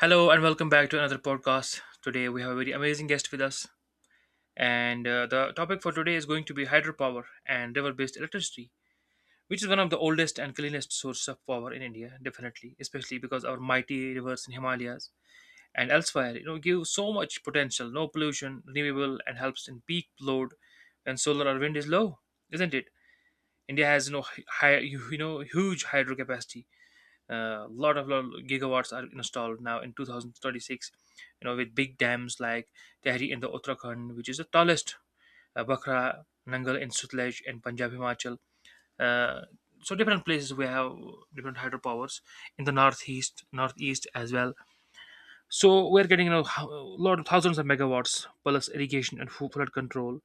Hello and welcome back to another podcast. Today we have a very amazing guest with us, and the topic for today is going to be hydropower and river based electricity, which is one of the oldest and cleanest sources of power in India, definitely, especially because our mighty rivers in Himalayas and elsewhere give so much potential, no pollution, renewable, and helps in peak load when solar or wind is low, isn't it? India has huge hydro capacity. A lot of gigawatts are installed now in 2036, with big dams like Tehri in the Uttarakhand, which is the tallest. Bakra Nangal in Sutlej and Punjab Himachal. Uh, so different places we have different hydropowers in the northeast as well. So we're getting lot of thousands of megawatts plus irrigation and flood control.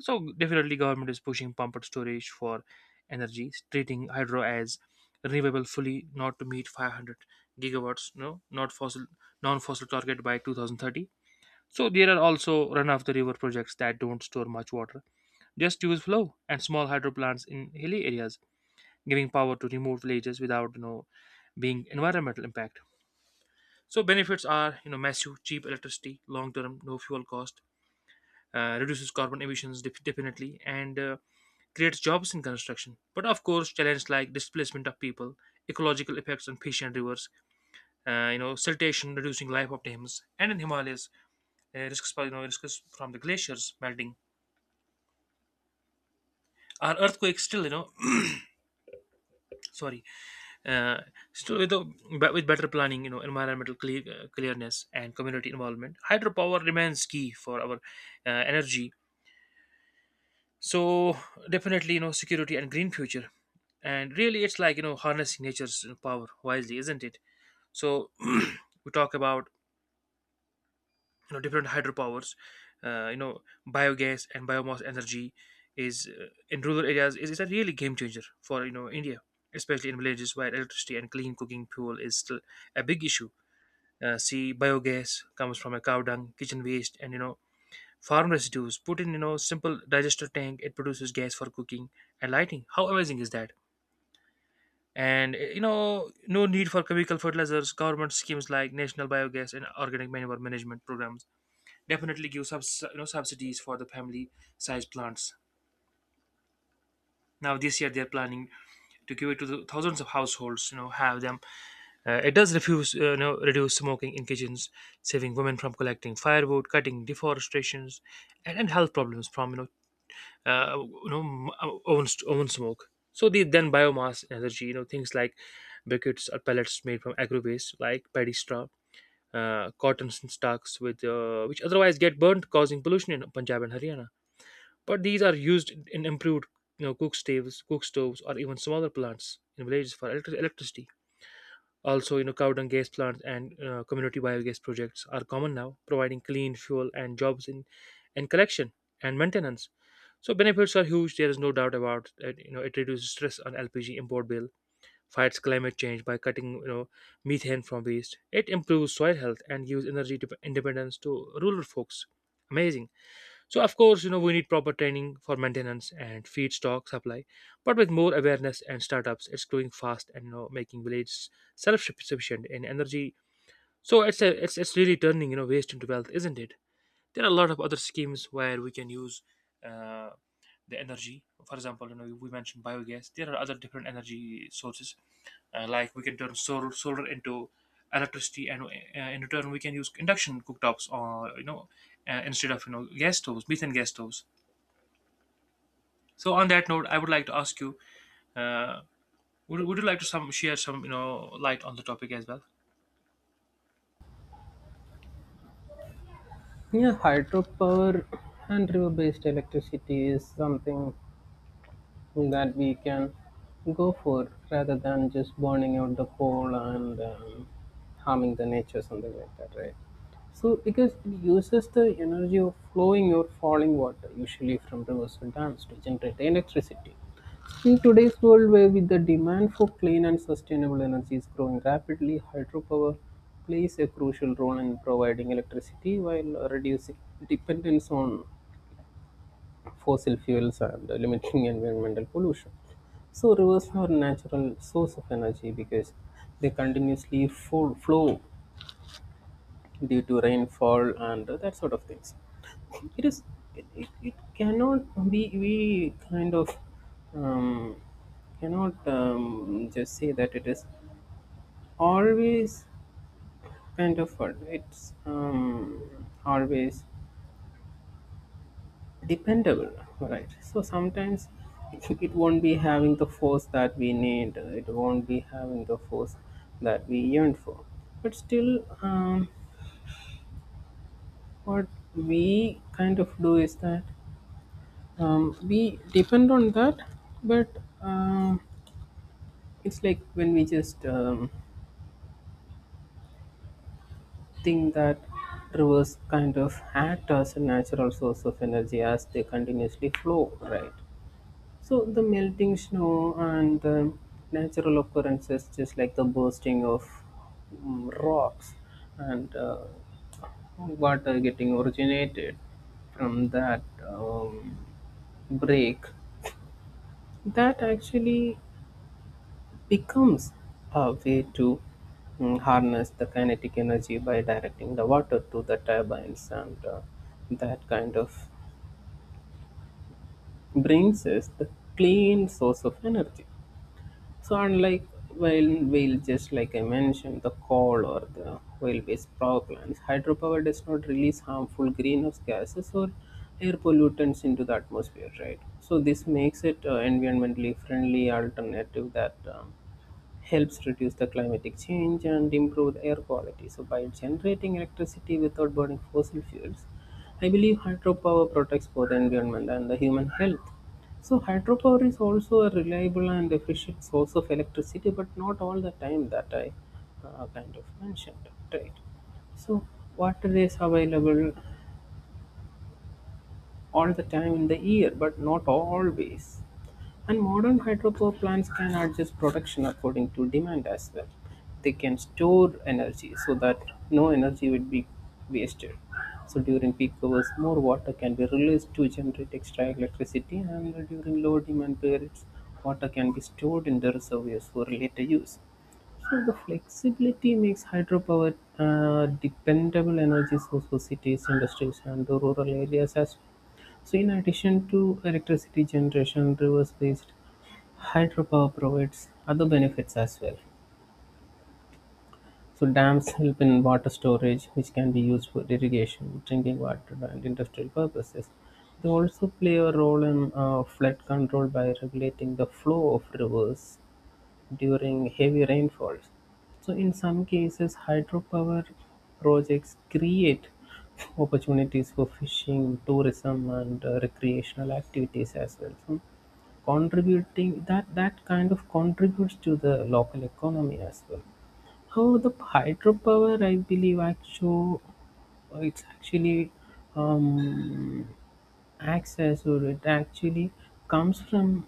So definitely government is pushing pumped storage for energy, treating hydro as renewable fully, not to meet 500 gigawatts. No, not fossil, non-fossil target by 2030. So there are also run-of-the-river projects that don't store much water, just use flow and small hydro plants in hilly areas, giving power to remote villages without being environmental impact. So benefits are massive, cheap electricity, long term, no fuel cost, reduces carbon emissions, definitely, and creates jobs in construction. But of course, challenges like displacement of people, ecological effects on fish and rivers, siltation, reducing life of dams, and in Himalayas, risks risks from the glaciers melting. Are earthquakes still sorry, uh, still with, the, but with better planning, environmental clearness and community involvement, hydropower remains key for our energy, so definitely, security and green future. And really, it's like, harnessing nature's, power wisely, isn't it? So we talk about different hydropowers. uh, you know Biogas and biomass energy is, in rural areas, is a really game changer for India, especially in villages where electricity and clean cooking fuel is still a big issue. See, biogas comes from a cow dung, kitchen waste, and farm residues put in simple digester tank. It produces gas for cooking and lighting. How amazing is that? And no need for chemical fertilizers. Government schemes like National Biogas and Organic Manure Management programs definitely give subsidies for the family size plants. Now this year they are planning to give it to the thousands of households. Have them. It does refuse you know reduce smoking in kitchens, saving women from collecting firewood, cutting deforestations, and health problems from own oven smoke. So then biomass energy, you know, things like briquettes or pellets made from agro waste, like paddy straw, cotton stalks, with which otherwise get burnt, causing pollution in Punjab and Haryana. But these are used in improved, you know, cook stoves, or even smaller plants in villages for electricity. Also, cow dung gas plants and community biogas projects are common now, providing clean fuel and jobs in collection and maintenance. So benefits are huge. There is no doubt about that. You know, it reduces stress on LPG import bill, fights climate change by cutting methane from waste. It improves soil health and gives energy independence to rural folks. Amazing. So of course, we need proper training for maintenance and feedstock supply, but with more awareness and startups, it's growing fast and making villages self-sufficient in energy. So it's a, it's it's really turning waste into wealth, isn't it? There are a lot of other schemes where we can use uh, the energy. For example, we mentioned biogas. There are other different energy sources, like we can turn solar into electricity, and in return we can use induction cooktops or, instead of gas stoves, methane gas stoves. So on that note, I would like to ask you, uh, would you like to some share some light on the topic as well? Yeah, hydropower and river based electricity is something that we can go for rather than just burning out the coal and harming the nature, something like that, right? So, because it uses the energy of flowing or falling water, usually from rivers or dams, to generate electricity. In today's world, where with the demand for clean and sustainable energy is growing rapidly, hydropower plays a crucial role in providing electricity while reducing dependence on fossil fuels and limiting environmental pollution. So rivers are natural source of energy because they continuously flow due to rainfall and that sort of things. It is it cannot be we kind of um, cannot just say that it is always kind of what it's always dependable, right? So sometimes it won't be having the force that we need, it won't be having the force that we yearn for, but still what we kind of do is that we depend on that, but um, it's like when we just think that rivers kind of act as a natural source of energy as they continuously flow, right? So the melting snow and the natural occurrences, just like the bursting of rocks and water getting originated from that um, break, that actually becomes a way to harness the kinetic energy by directing the water to the turbines, and that kind of brings us the clean source of energy. So unlike whale, just like I mentioned, the coal or the oil-based power plants, hydropower does not release harmful greenhouse gases or air pollutants into the atmosphere, right? So this makes it environmentally friendly alternative that helps reduce the climatic change and improve the air quality. So by generating electricity without burning fossil fuels, I believe hydropower protects both the environment and the human health. So hydropower is also a reliable and efficient source of electricity, but not all the time that I kind of mentioned, right? So water is available all the time in the year, but not always. And modern hydropower plants can adjust production according to demand as well. They can store energy so that no energy would be wasted. So during peak hours, more water can be released to generate extra electricity, and during low demand periods, water can be stored in the reservoirs for later use. So the flexibility makes hydropower dependable energy source for cities, industries, and the rural areas as well. So, in addition to electricity generation, rivers based hydropower provides other benefits as well. So, dams help in water storage, which can be used for irrigation, drinking water, and industrial purposes. They also play a role in flood control by regulating the flow of rivers during heavy rainfalls. So in some cases, hydropower projects create opportunities for fishing, tourism, and recreational activities as well. So contributing that that kind of contributes to the local economy as well. However, the hydropower, I believe, actually it's actually um, access or it actually comes from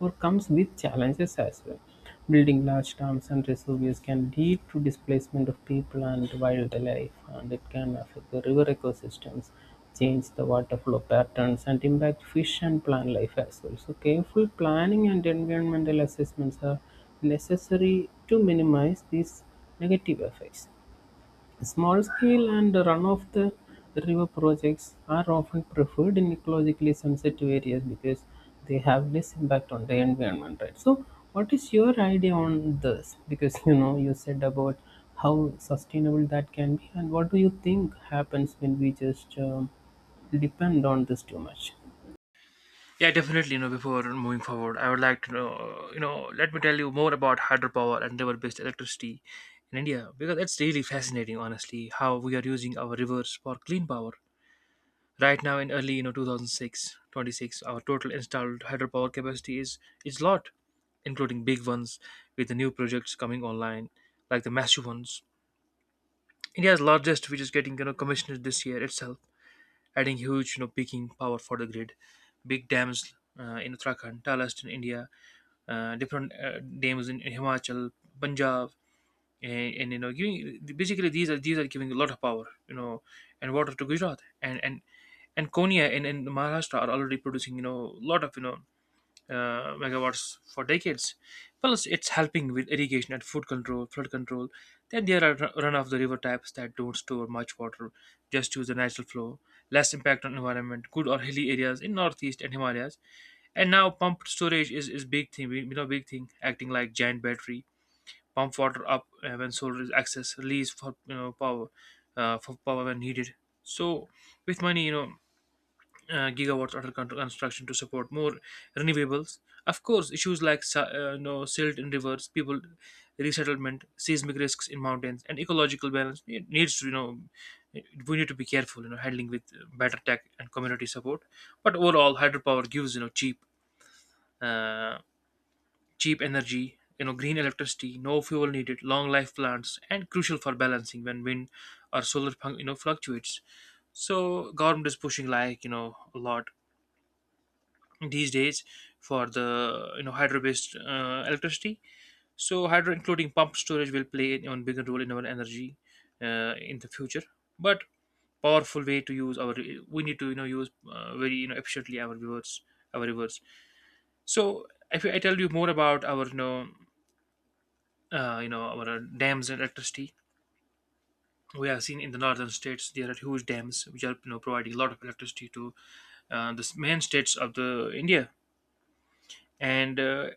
or comes with challenges as well. Building large dams and reservoirs can lead to displacement of people and wildlife, and it can affect the river ecosystems, change the water flow patterns, and impact fish and plant life as well. So, careful planning and environmental assessments are necessary to minimize these negative effects. Small-scale and run-of-the-river projects are often preferred in ecologically sensitive areas because they have less impact on the environment, right? So, what is your idea on this? Because you know, you said about how sustainable that can be, and what do you think happens when we just depend on this too much? Yeah, definitely. Before moving forward, I would like to know. Let me tell you more about hydropower and river-based electricity in India, because it's really fascinating, honestly, how we are using our rivers for clean power. Right now, in early 2006, 26, our total installed hydropower capacity is lot, including big ones with the new projects coming online, like the massive ones. India's largest, which is getting commissioned this year itself, adding huge, peaking power for the grid. Big dams in Uttarakhand, Talast in India, different dams in, Himachal, Punjab, and giving, basically, these are giving a lot of power, and water to Gujarat and Konya and Maharashtra, are already producing a lot of megawatts for decades. Plus, it's helping with irrigation and flood control. Then there are run-of-the-river types that don't store much water, just use the natural flow. Less impact on environment. Good or hilly areas in northeast and Himalayas. And now pumped storage is big thing. You know, big thing. Acting like giant battery. Pump water up when solar is excess. Release for power when needed. So, with money, gigawatts under construction to support more renewables. Of course, issues like silt in rivers, people resettlement, seismic risks in mountains, and ecological balance, need- needs to you know we need to be careful, handling with better tech and community support. But overall, hydropower gives uh, cheap energy. You know, green electricity, no fuel needed, long life plants, and crucial for balancing when wind or solar fluctuates. So government is pushing, like, a lot these days for the hydro based electricity. So hydro, including pump storage, will play an even bigger role in our energy, in the future. But powerful way to use our, we need to use, very, efficiently, our rivers. So if I tell you more about our you know our dams and electricity, we have seen in the northern states there are huge dams which are, providing a lot of electricity to the main states of the India. And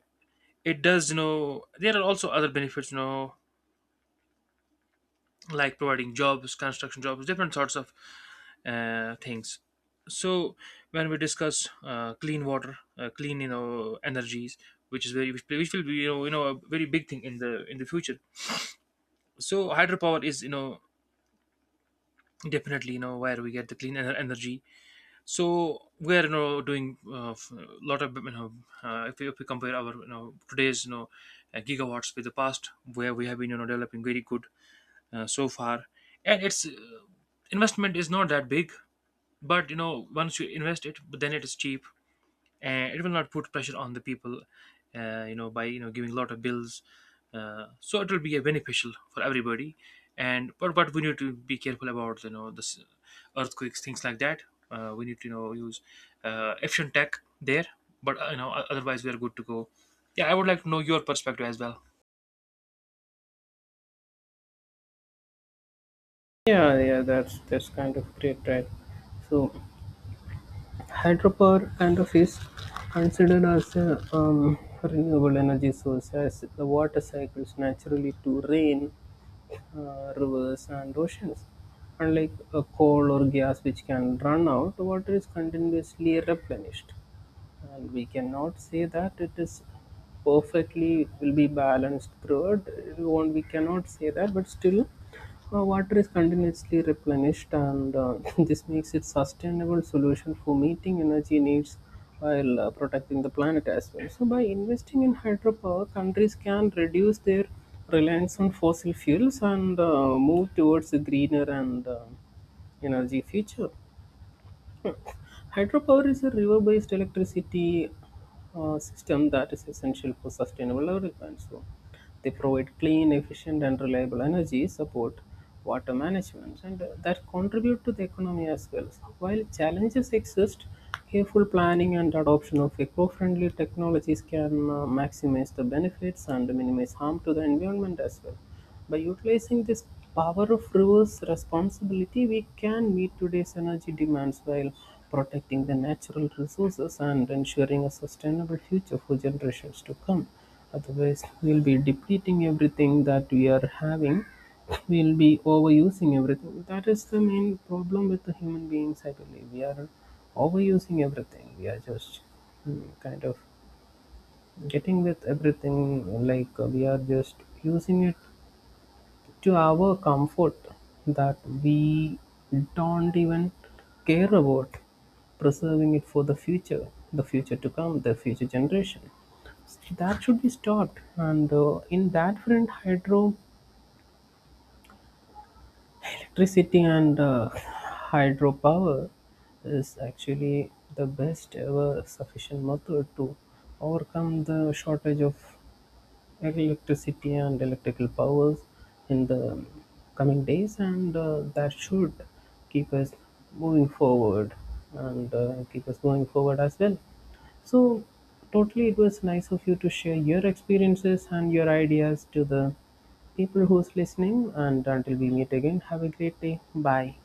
it does you know there are also other benefits, like providing jobs, construction jobs, different sorts of things. So when we discuss clean water, clean, energies, which is very, which will be, a very big thing in the future. So hydropower is, definitely, where we get the clean energy. So we're, doing a lot of, if we compare our, today's, gigawatts with the past, where we have been, developing very good, so far. And its, investment is not that big, but once you invest it, but then it is cheap, and it will not put pressure on the people, by giving a lot of bills. So it will be a beneficial for everybody. And but we need to be careful about this earthquakes, things like that. We need to use efficient tech there. But otherwise we are good to go. Yeah, I would like to know your perspective as well. Yeah, yeah, that's kind of great, right? So. Hydropower kind of is considered as a renewable energy source as the water cycles naturally to rain, rivers, and oceans. Unlike a coal or gas which can run out, water is continuously replenished. And we cannot say that it is perfectly will be balanced throughout. It won't, we cannot say that, but still water is continuously replenished, and this makes it sustainable solution for meeting energy needs while protecting the planet as well. So, by investing in hydropower, countries can reduce their reliance on fossil fuels and move towards a greener and energy future. Hydropower is a river based electricity system that is essential for sustainable development. So, they provide clean, efficient, and reliable energy, support water management, and that contribute to the economy as well. So, while challenges exist, careful planning and adoption of eco friendly technologies can maximize the benefits and minimize harm to the environment as well. By utilizing this power of reverse responsibility, we can meet today's energy demands while protecting the natural resources and ensuring a sustainable future for generations to come. Otherwise, we'll be depleting everything that we are having, we'll be overusing everything. That is the main problem with the human beings, I believe. We are overusing everything, we are just kind of getting with everything, like we are just using it to our comfort that we don't even care about preserving it for the future, the future to come, the future generation. That should be stopped, and in that front hydro electricity and hydropower is actually the best ever sufficient method to overcome the shortage of electricity and electrical powers in the coming days, and that should keep us moving forward, and keep us going forward as well. So, totally, it was nice of you to share your experiences and your ideas to the people who's listening. And until we meet again, have a great day. Bye.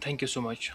Thank you so much.